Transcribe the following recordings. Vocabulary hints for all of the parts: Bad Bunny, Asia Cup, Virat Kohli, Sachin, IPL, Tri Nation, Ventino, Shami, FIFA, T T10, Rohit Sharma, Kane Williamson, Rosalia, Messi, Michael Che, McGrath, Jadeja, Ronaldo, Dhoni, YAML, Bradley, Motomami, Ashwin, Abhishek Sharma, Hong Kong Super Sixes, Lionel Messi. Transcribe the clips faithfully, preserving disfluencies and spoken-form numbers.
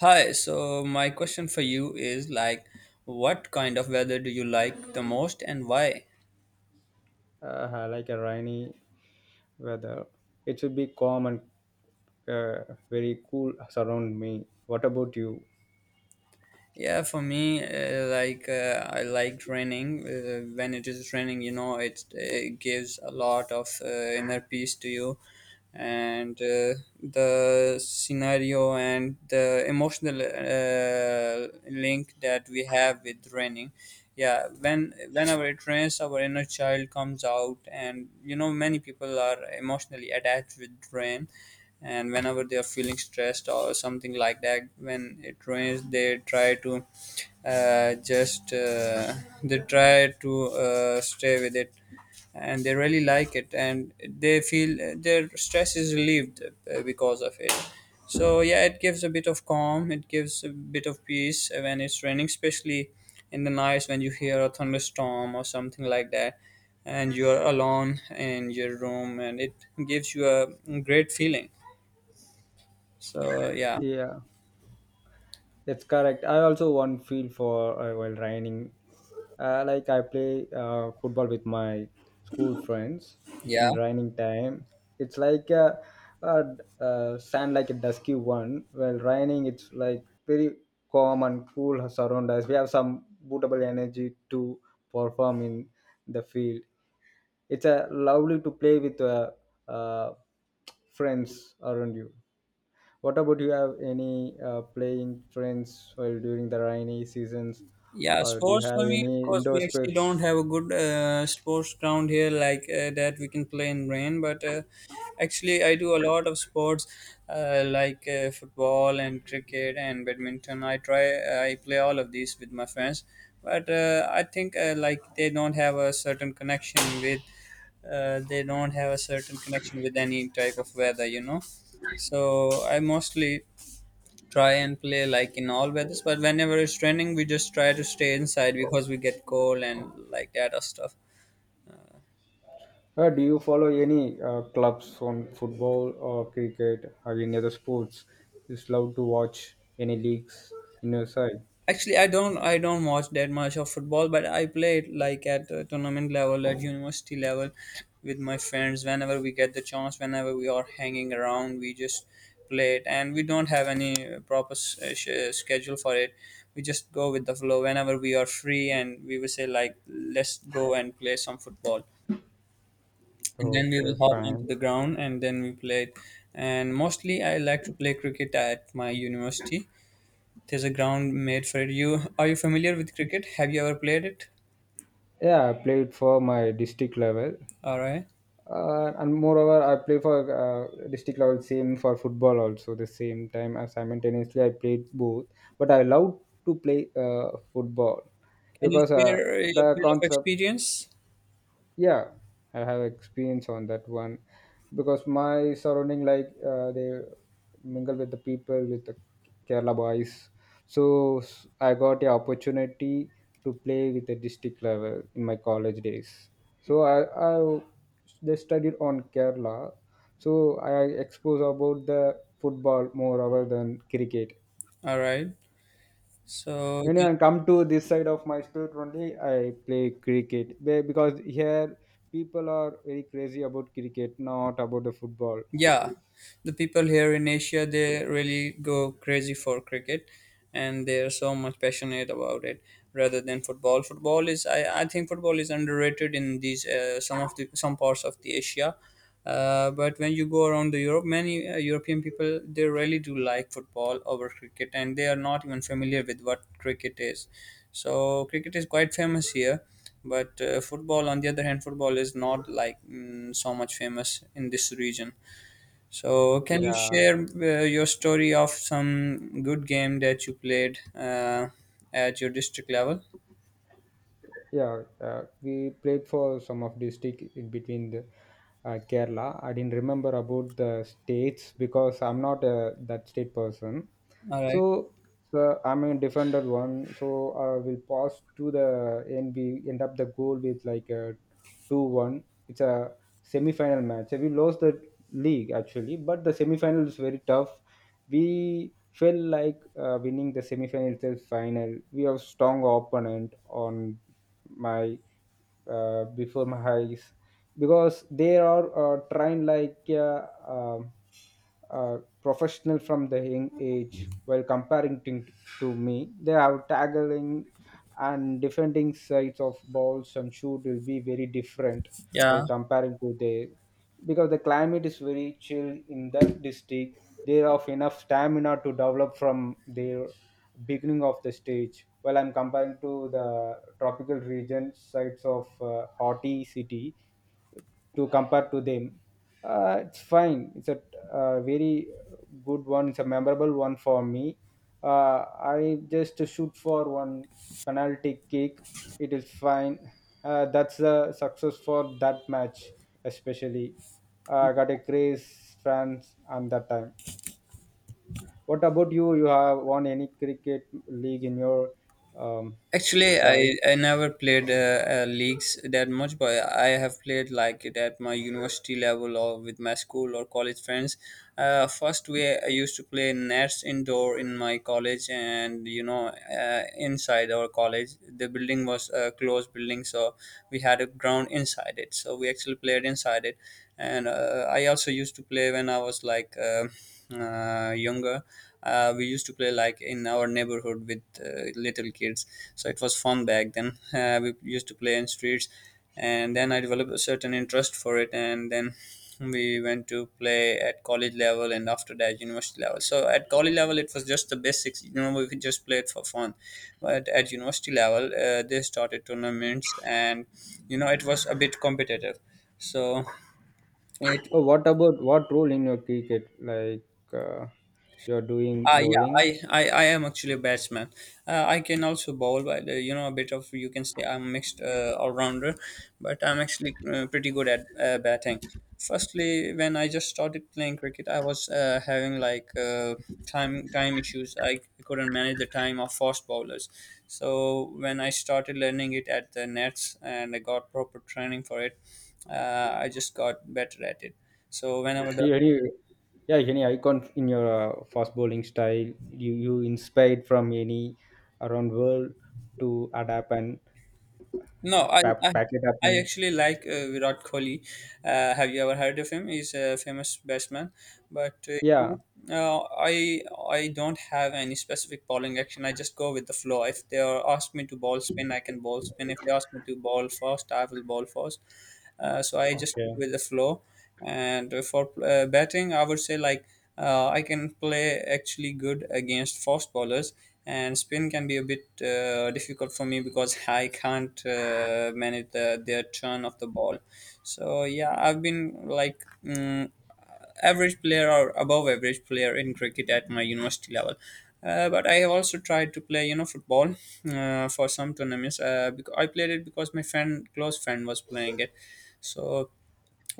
Hi, so my question for you is like, what kind of weather do you like the most and why? Uh, like a rainy weather. It should be calm and uh, very cool surround me. What about you? Yeah, for me, uh, like uh, I like raining. Uh, when it is raining, you know, it, it gives a lot of uh, inner peace to you, and uh, the scenario and the emotional uh, link that we have with raining. Yeah, when whenever it rains, our inner child comes out, and you know, many people are emotionally attached with rain, and whenever they are feeling stressed or something like that, when it rains they try to uh, just uh, they try to uh, stay with it, and they really like it, and they feel their stress is relieved uh, because of it. So yeah, it gives a bit of calm, it gives a bit of peace when it's raining, especially in the nights when you hear a thunderstorm or something like that, and you're alone in your room, and it gives you a great feeling. So yeah, Yeah, that's correct. I also want feel for uh, while raining. Uh, like I play uh, football with my school friends yeah, in raining time. It's like a, a, uh sand like a dusky one. While raining, it's like very calm and cool surround us. We have some bootable energy to perform in the field. It's a lovely to play with uh, uh, friends around you. What about you? Have any uh, playing friends while during the rainy seasons, yeah. or do you Sports have for me, of any course, indoor we actually don't sports, have a good uh, sports ground here like uh, that we can play in rain. But uh, actually, I do a lot of sports, uh, like uh, football and cricket and badminton. I try, I play all of these with my friends. But uh, I think uh, like they don't have a certain connection with, uh, they don't have a certain connection with any type of weather, you know. So I mostly try and play like in all weathers, but whenever it's raining we just try to stay inside because we get cold and like that or stuff. or do you follow any uh, clubs on football or cricket or any other sports? Just love to watch any leagues in your side? Actually, i don't i don't watch that much of football, but I play it like at uh, tournament level, at university level, with my friends whenever we get the chance. Whenever we are hanging around we just play it, and we don't have any proper s- uh, sch- schedule for it. We just go with the flow, whenever we are free, and we will say like, let's go and play some football. And then we will Okay, hop onto fine. the ground and then we played. And mostly I like to play cricket at my university. There's a ground made for it. You are you familiar with cricket? Have you ever played it? Yeah, I played for my district level. All right. Uh, and moreover, I play for uh, district level, same for football also. The same time, as simultaneously, I played both, but I love to play uh, football Can you because uh, share a the bit of concept. experience? Yeah, I have experience on that one because my surrounding, like uh, they mingle with the people, with the Kerala boys. So s- I got a opportunity to play with the district level in my college days. So i i they studied on Kerala, so I expose about the football more rather than cricket. All right. So, When I come to this side of my state only, I play cricket. Be- because here people are very crazy about cricket, not about the football. yeah, the people here in Asia they really go crazy for cricket, and they're so much passionate about it rather than football. Football is I, I think football is underrated in these, uh, some of the some parts of the Asia. Uh, but when you go around the Europe, many uh, European people they really do like football over cricket, and they are not even familiar with what cricket is. So cricket is quite famous here, but uh, football, on the other hand, football is not like mm, so much famous in this region. So, can you Yeah, share uh, your story of some good game that you played uh, at your district level? yeah. Uh, we played for some of district in between the uh, Kerala. I didn't remember about the states because I'm not a, that state person. All right. So, so I'm a defender one. So I will pass to the and we end up the goal with like a two one. It's a semi-final match. We lost the league actually, but the semi-final is very tough. We felt like uh, winning the semi-final till final. We have strong opponent on my uh, before my eyes because they are uh, trained like uh, um uh, professional from the young age while comparing to, to me. They are tackling and defending sides of balls and shoot will be very different while Yeah. comparing to the because the climate is very chill in that district. They have enough stamina to develop from their beginning of the stage while I'm comparing to the tropical region sides of uh, haughty city to compare to them. Uh, it's fine. It's a uh, very good one. It's a memorable one for me. Uh, I just shoot for one penalty kick. It is fine. Uh, that's a success for that match, especially. Uh, I got a craze fans on that time. What about you? You have won any cricket league in your um, Actually, side? I, I never played uh, uh, leagues that much, but I have played like it at my university level or with my school or college friends. Uh, first, we I used to play nets indoor in my college, and you know, uh, inside our college, the building was a closed building, so we had a ground inside it. So we actually played inside it, and uh, I also used to play when I was like uh, uh, younger. Uh, we used to play like in our neighborhood with uh, little kids. So it was fun back then. Uh, we used to play in streets. And then I developed a certain interest for it, and then we went to play at college level, and after that university level. So at college level it was just the basics, you know, we could just play it for fun. But at university level uh, they started tournaments, and you know it was a bit competitive. So it. Oh, what about what role in your cricket? Like uh, you're doing Uh, yeah, I, bowling? I, I am actually a batsman. Uh, I can also bowl, but uh, you know, a bit of you can say I'm mixed uh, all rounder, but I'm actually uh, pretty good at uh, batting. Firstly, when I just started playing cricket, I was uh, having like uh, time time issues. I couldn't manage the time of fast bowlers. So when I started learning it at the nets and I got proper training for it, uh, I just got better at it. So whenever. Yeah, any, yeah, any icon in your uh, fast bowling style you, you inspired from any around world to adapt and No, I, I pack, pack it up I and actually like uh, Virat Kohli. Uh, have you ever heard of him? He's a famous batsman, but uh, yeah, uh, I I don't have any specific bowling action. I just go with the flow. If they are ask me to ball spin, I can ball spin. If they ask me to ball fast, I will ball fast. Uh, so I just go okay. with the flow. And for uh, batting, I would say like uh, I can play actually good against fast bowlers, and spin can be a bit uh, difficult for me because I can't uh, manage the, their turn of the ball. So yeah, I've been like, mm average player or above average player in cricket at my university level. Uh, but I have also tried to play, you know, football uh, for some tournaments. Uh, because I played it because my friend, close friend, was playing it. So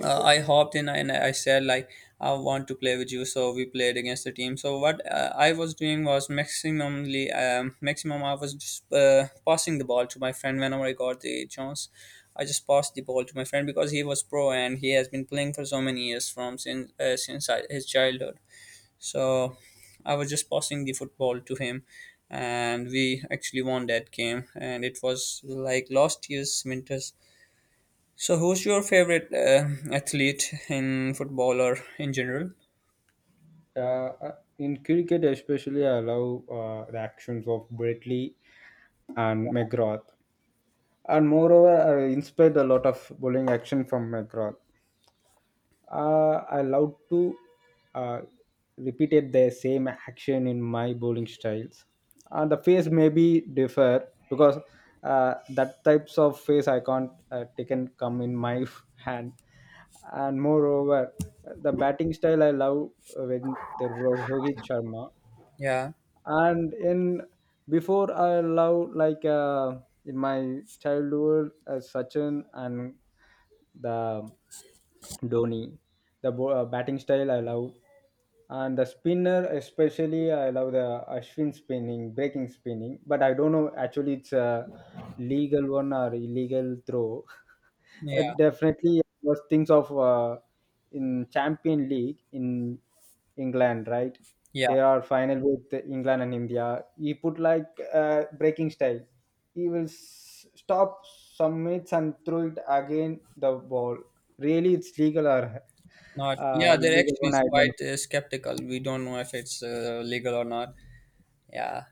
uh, I hopped in and I said like, I want to play with you, so we played against the team. So what uh, I was doing was maximumly um, maximum I was just uh, passing the ball to my friend whenever I got the chance. I just passed the ball to my friend because he was pro and he has been playing for so many years from since uh, since I, his childhood. So I was just passing the football to him, and we actually won that game. And it was like last year's winters. So, who's your favorite uh, athlete in football or in general? Uh, uh, in cricket especially, I love uh, the actions of Bradley and McGrath, and moreover, I inspired a lot of bowling action from McGrath. Uh, I love to uh, repeated the same action in my bowling styles. Uh, the face may be differ because uh, that types of face I can't uh, taken come in my hand, and moreover, the batting style I love when the Ro- Rohit Sharma Yeah, and in before I love like uh, in my childhood uh, Sachin and the Dhoni, the bo- uh, batting style I love. And the spinner especially, I love the Ashwin spinning, breaking spinning, but I don't know actually. It's a legal one or illegal throw? Uh, yeah, definitely was things of uh, in champion league in England, right? yeah. They are final with England and India. He put like uh, breaking style. He will s- stop some minutes and throw it again the ball. Really, it's legal or Not uh, yeah. They're illegal actually one, I don't know. quite uh, skeptical. We don't know if it's uh, legal or not. Yeah,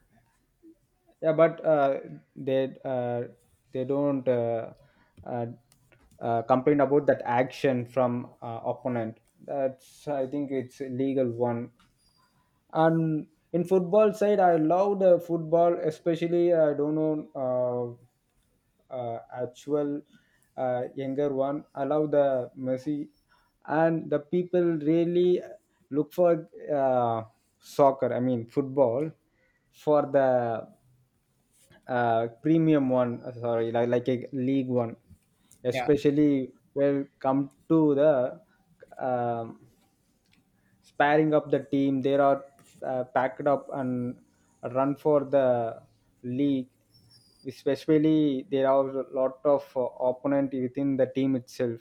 Yeah, but uh, they uh, they don't uh, uh, uh, complain about that action from uh, opponent. That's I think it's a legal one. And in football side, I love the football especially, I don't know, uh, uh, actual uh, younger one. I love the Messi, and the people really uh, look for uh, soccer. I mean football for the uh, premium one, uh, sorry, like, like a league one, yeah. especially when come to the um sparring up the team. They are uh, packed up and run for the league. Especially, there are a lot of uh, opponent within the team itself.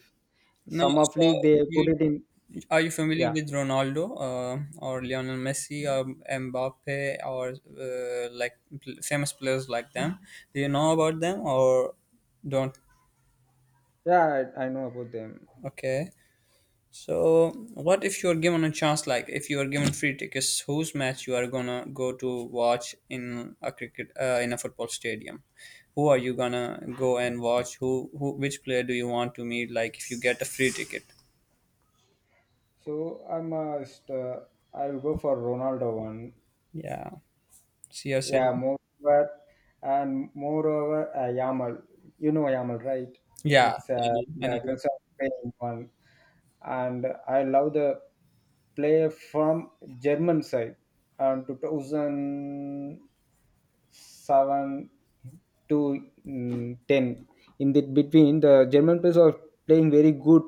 No. Some of So, league they put you it in. are you familiar Yeah, with Ronaldo uh, or Lionel Messi or Mbappe or uh, like pl- famous players like them? Do you know about them or don't? yeah, I, I know about them. Okay. So, what if you're given a chance? Like, if you are given free tickets, whose match you are gonna go to watch in a cricket, uh, in a football stadium? Who are you gonna go and watch? Who, who, which player do you want to meet? Like, if you get a free ticket, So I must. Uh, I'll go for Ronaldo one. yeah, Yeah, C S M, moreover, and moreover, uh, YAML. You know YAML, right? yeah, It's I uh, know, I the know. concern paying one, and I love the play from German side, and two thousand seven to mm, ten. In the between, the German players are playing very good,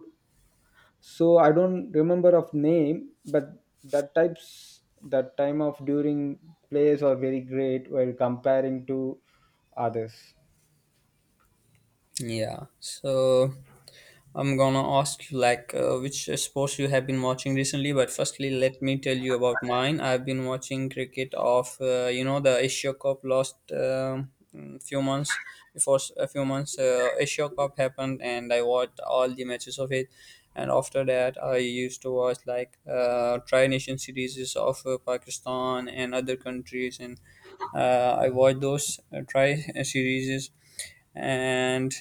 so I don't remember of name, but that types that time of during plays are very great while comparing to others. Yeah. So. I'm gonna ask you like uh, which uh, sports you have been watching recently, but firstly, let me tell you about mine. I've been watching cricket of uh, you know, the Asia Cup last um, mm, few months before. S- a few months uh, Asia Cup happened, and I watched all the matches of it. And after that, I used to watch like uh, Tri Nation series of uh, Pakistan and other countries, and uh, I watched those uh, Tri series, and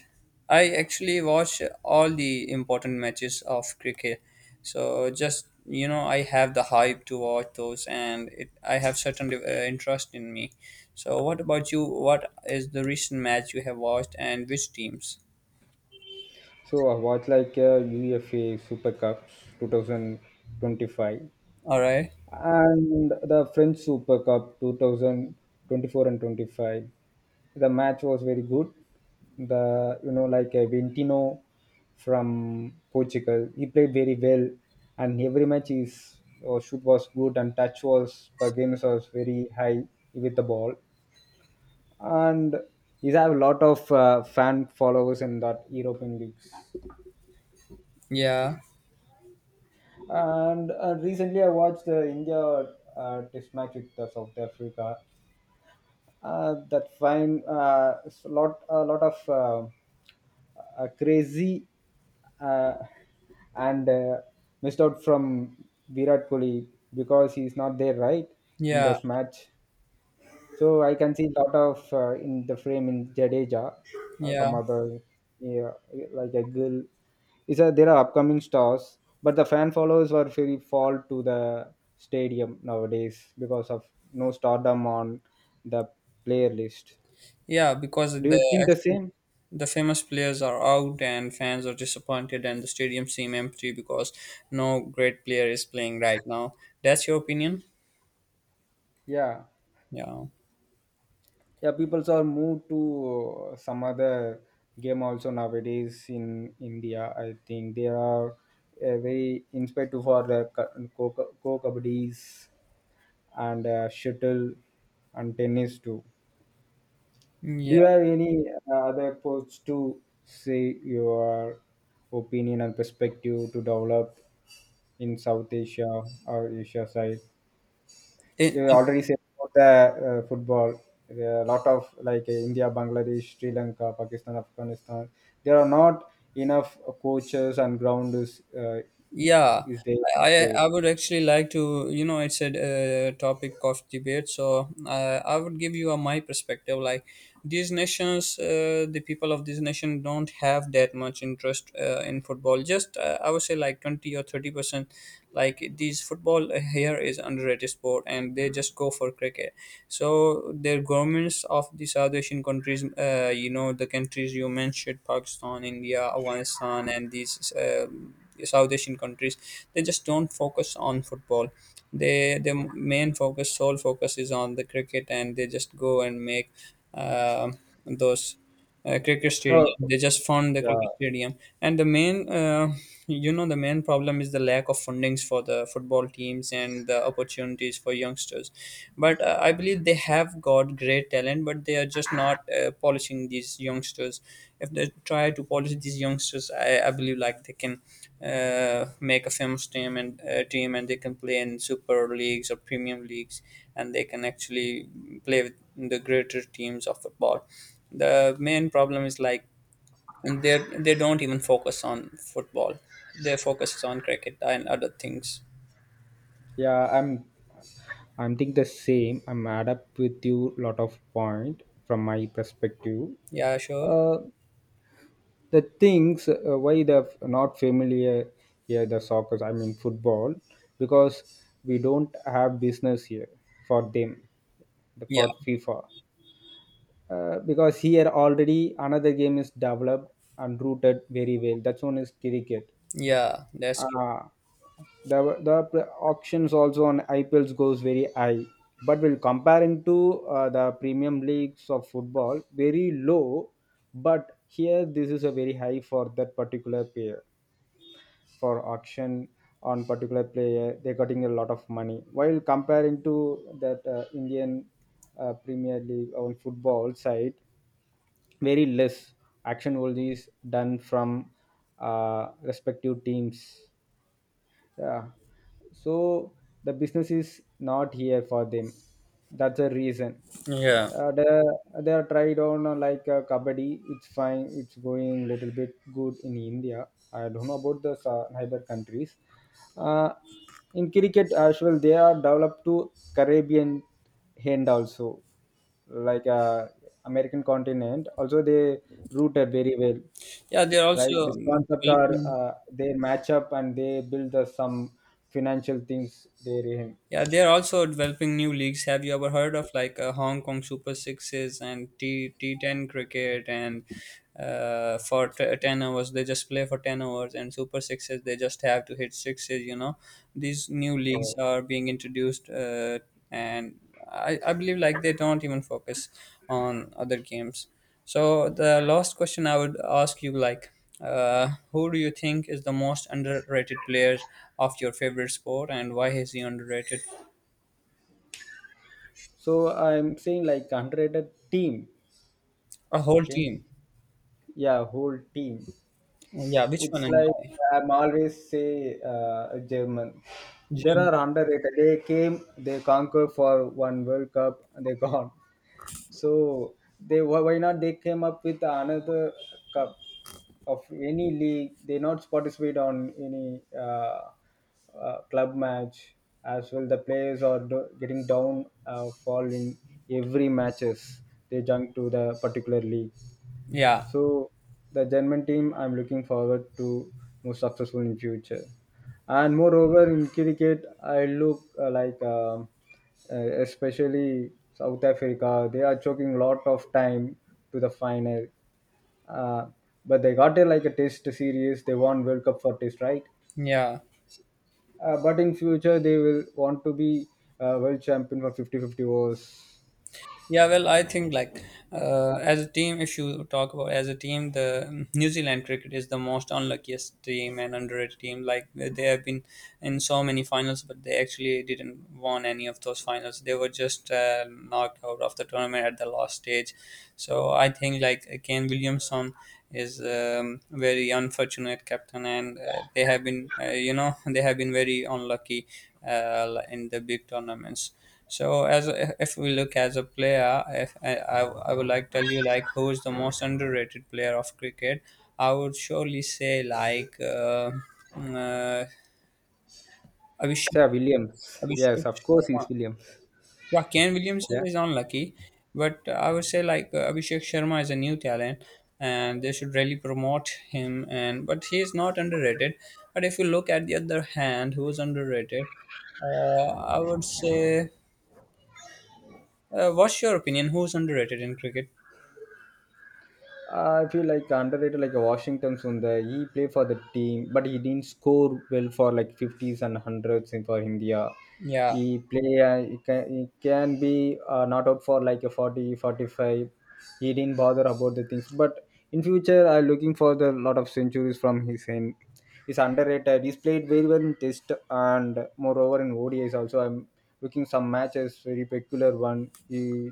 I actually watch all the important matches of cricket. So just you know, I have the hype to watch those, and it, I have certain uh, interest in me. So what about you? What is the recent match you have watched, and which teams? So I watched like uh, UFA Super Cup twenty twenty-five All right. and the French Super Cup twenty twenty-four and twenty-five. The match was very good. The you know like uh, Ventino from Portugal, he played very well, and every match his uh, shoot was good and touch was per game was very high with the ball, and he have a lot of uh, fan followers in that European leagues. Yeah. And uh, recently, I watched the India uh, test match with uh, South Africa. Uh, that find uh, s- lot a lot of uh, uh, crazy uh, and uh, missed out from Virat Kohli because he's not there, right, in Yeah. this match. So I can see a lot of uh, in the frame in Jadeja, uh, Yeah. some other, yeah, like a girl. Is a, there are upcoming stars, but the fan followers were very fall to the stadium nowadays because of no stardom on the player list. Yeah. Because Do you the think the same? the famous players are out, and fans are disappointed, and the stadium seem empty because no great player is playing right now. That's your opinion? Yeah, Yeah. yeah. People are moved to uh, some other game also nowadays in India. I think they are uh, very inspired for the co co kabaddies and uh, shuttle and tennis too. Do Yeah. you have any uh, other approach to say your opinion and perspective to develop in South Asia or Asia side? It, You already said about the uh, football. There are a lot of like uh, India, Bangladesh, Sri Lanka, Pakistan, Afghanistan. There are not enough coaches and ground is uh, Yeah, is there. I I Okay. I would actually like to, you know, it's a uh, topic of debate, so uh, I would give you a, my perspective. Like these nations, uh, the people of these nation don't have that much interest uh, in football. Just uh, I would say like twenty or thirty percent. Like these, football here is underrated sport, and they just go for cricket. So their governments of the South Asian countries, uh, you know, the countries you mentioned, Pakistan, India, Afghanistan, and these. Um, South Asian countries, they just don't focus on football. They Their main focus, sole focus, is on the cricket, and they just go and make um those uh, cricket stadium. Oh, They just fund the yeah, cricket stadium, and the main uh, you know, the main problem is the lack of fundings for the football teams and the opportunities for youngsters. But uh, I believe they have got great talent, but they are just not uh, polishing these youngsters. If they try to polish these youngsters, i, I believe like they can uh, make a famous team and uh, team and they can play in super leagues or premium leagues, and they can actually play with the greater teams of football. The main problem is like, and they, they don't even focus on football. They focus on cricket and other things. yeah. I'm I'm think the same. I'm add up with you lot of point from my perspective. Yeah, sure. Uh, the things uh, why they're not familiar here the soccer. I mean football because we don't have business here for them the Yeah, for FIFA, uh, because here already another game is developed and rooted very well. That one is cricket. yeah, that's true. Uh, the the pl- auctions also on I P Ls goes very high, but we'll compare into uh, the premium leagues of football very low. But here this is a very high for that particular player for auction. On particular player, they're getting a lot of money while comparing to that uh, Indian uh, Premier League on football side. Very less action will is done from uh, respective teams. Yeah. So the business is not here for them. That's a reason. Yeah, Uh, they, they are tried on uh, like uh, kabaddi. It's fine, it's going little bit good in India. I don't know about the sa- neighbor countries. Uh, in cricket as well, they are developed to Caribbean hand also, like uh, American continent also. They rooted very well. yeah. They're Right, also this um, concept are developing. uh, they match up and they build the some financial things there in. Yeah, they are also developing new leagues. Have you ever heard of like uh, Hong Kong Super Sixes and T T10 cricket, and uh, for t- ten hours they just play for ten hours, and Super Sixes they just have to hit sixes, you know. These new leagues Oh. are being introduced, uh, and I, I believe like they don't even focus on other games. So the last question I would ask you, like, uh, who do you think is the most underrated player of your favorite sport, and why is he underrated? So so I'm saying like underrated team. A whole Okay, team. yeah, whole team. Yeah, which It's one and like why? I'm always say uh, German. There Jim. are underrated. They came, they conquer for one World Cup and they gone. So they why why not they came up with another cup of any league? They not participate on any uh, uh, club match as well. The players are do- getting down uh, fall in every matches. They jump to the particular league. Yeah, So the German team, I'm looking forward to more successful in future. And moreover, in cricket, I look uh, like um, uh, especially South Africa, they are choking lot of time to the final. Uh, but they got a like a test series. They won World Cup for test, right? yeah. Uh, but in future, they will want to be uh, world champion for fifty fifty 50 overs. Yeah, well, I think like uh, as a team, if you talk about as a team, the New Zealand cricket is the most unluckiest team and underrated team. Like they have been in so many finals, but they actually didn't won any of those finals. They were just uh, knocked out of the tournament at the last stage. So I think like Kane Williamson is um, very unfortunate captain, and uh, they have been uh, you know, they have been very unlucky uh, in the big tournaments. So as a- if we look as a player, if I, I, I would like tell you like who is the most underrated player of cricket, I would surely say like uh, mm, uh, Abhishek, Sir Williams. Abhishek Yes, of course Sharma. he's Williams. Yeah, Ken Williamson Yeah. is unlucky, but I would say like uh, Abhishek Sharma is a new talent, and they should really promote him. And but he is not underrated. But if you look at the other hand, who is underrated? Uh, I would say. Uh, what's your opinion? Who's underrated in cricket? Uh, I feel like underrated like a Washington Sundar. He played for the team, but he didn't score well for like fifties and hundreds in for India. Yeah, He play uh, he can, he can be uh, not out for like a forty, forty-five. He didn't bother about the things, but in future I'm looking for the lot of centuries from his end is underrated. He's played very well in Test and moreover in O D Is also. I'm looking some matches, very peculiar one. He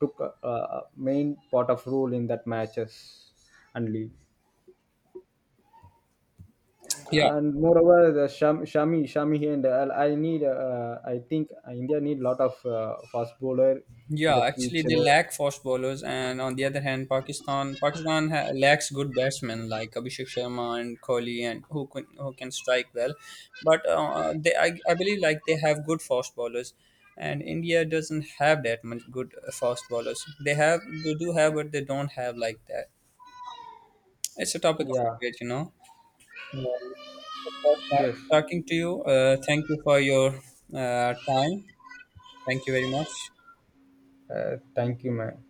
took a, a main part of role in that matches and league. yeah, And moreover, the Sham, Shami, Shami here, and I, I need, uh, I think India need lot of uh, fast bowler in yeah. the Actually, future. they lack fast bowlers, and on the other hand, Pakistan Pakistan ha- lacks good batsmen like Abhishek Sharma and Kohli, and who can who can strike well. But uh, they, I, I believe, like they have good fast bowlers, and India doesn't have that much good uh, fast bowlers. They have they do have, but they don't have like that. It's a topic of Yeah. debate, you know. Yeah. It was nice Yes. talking to you. Uh, thank you for your uh, time. Thank you very much. Uh, thank you, man.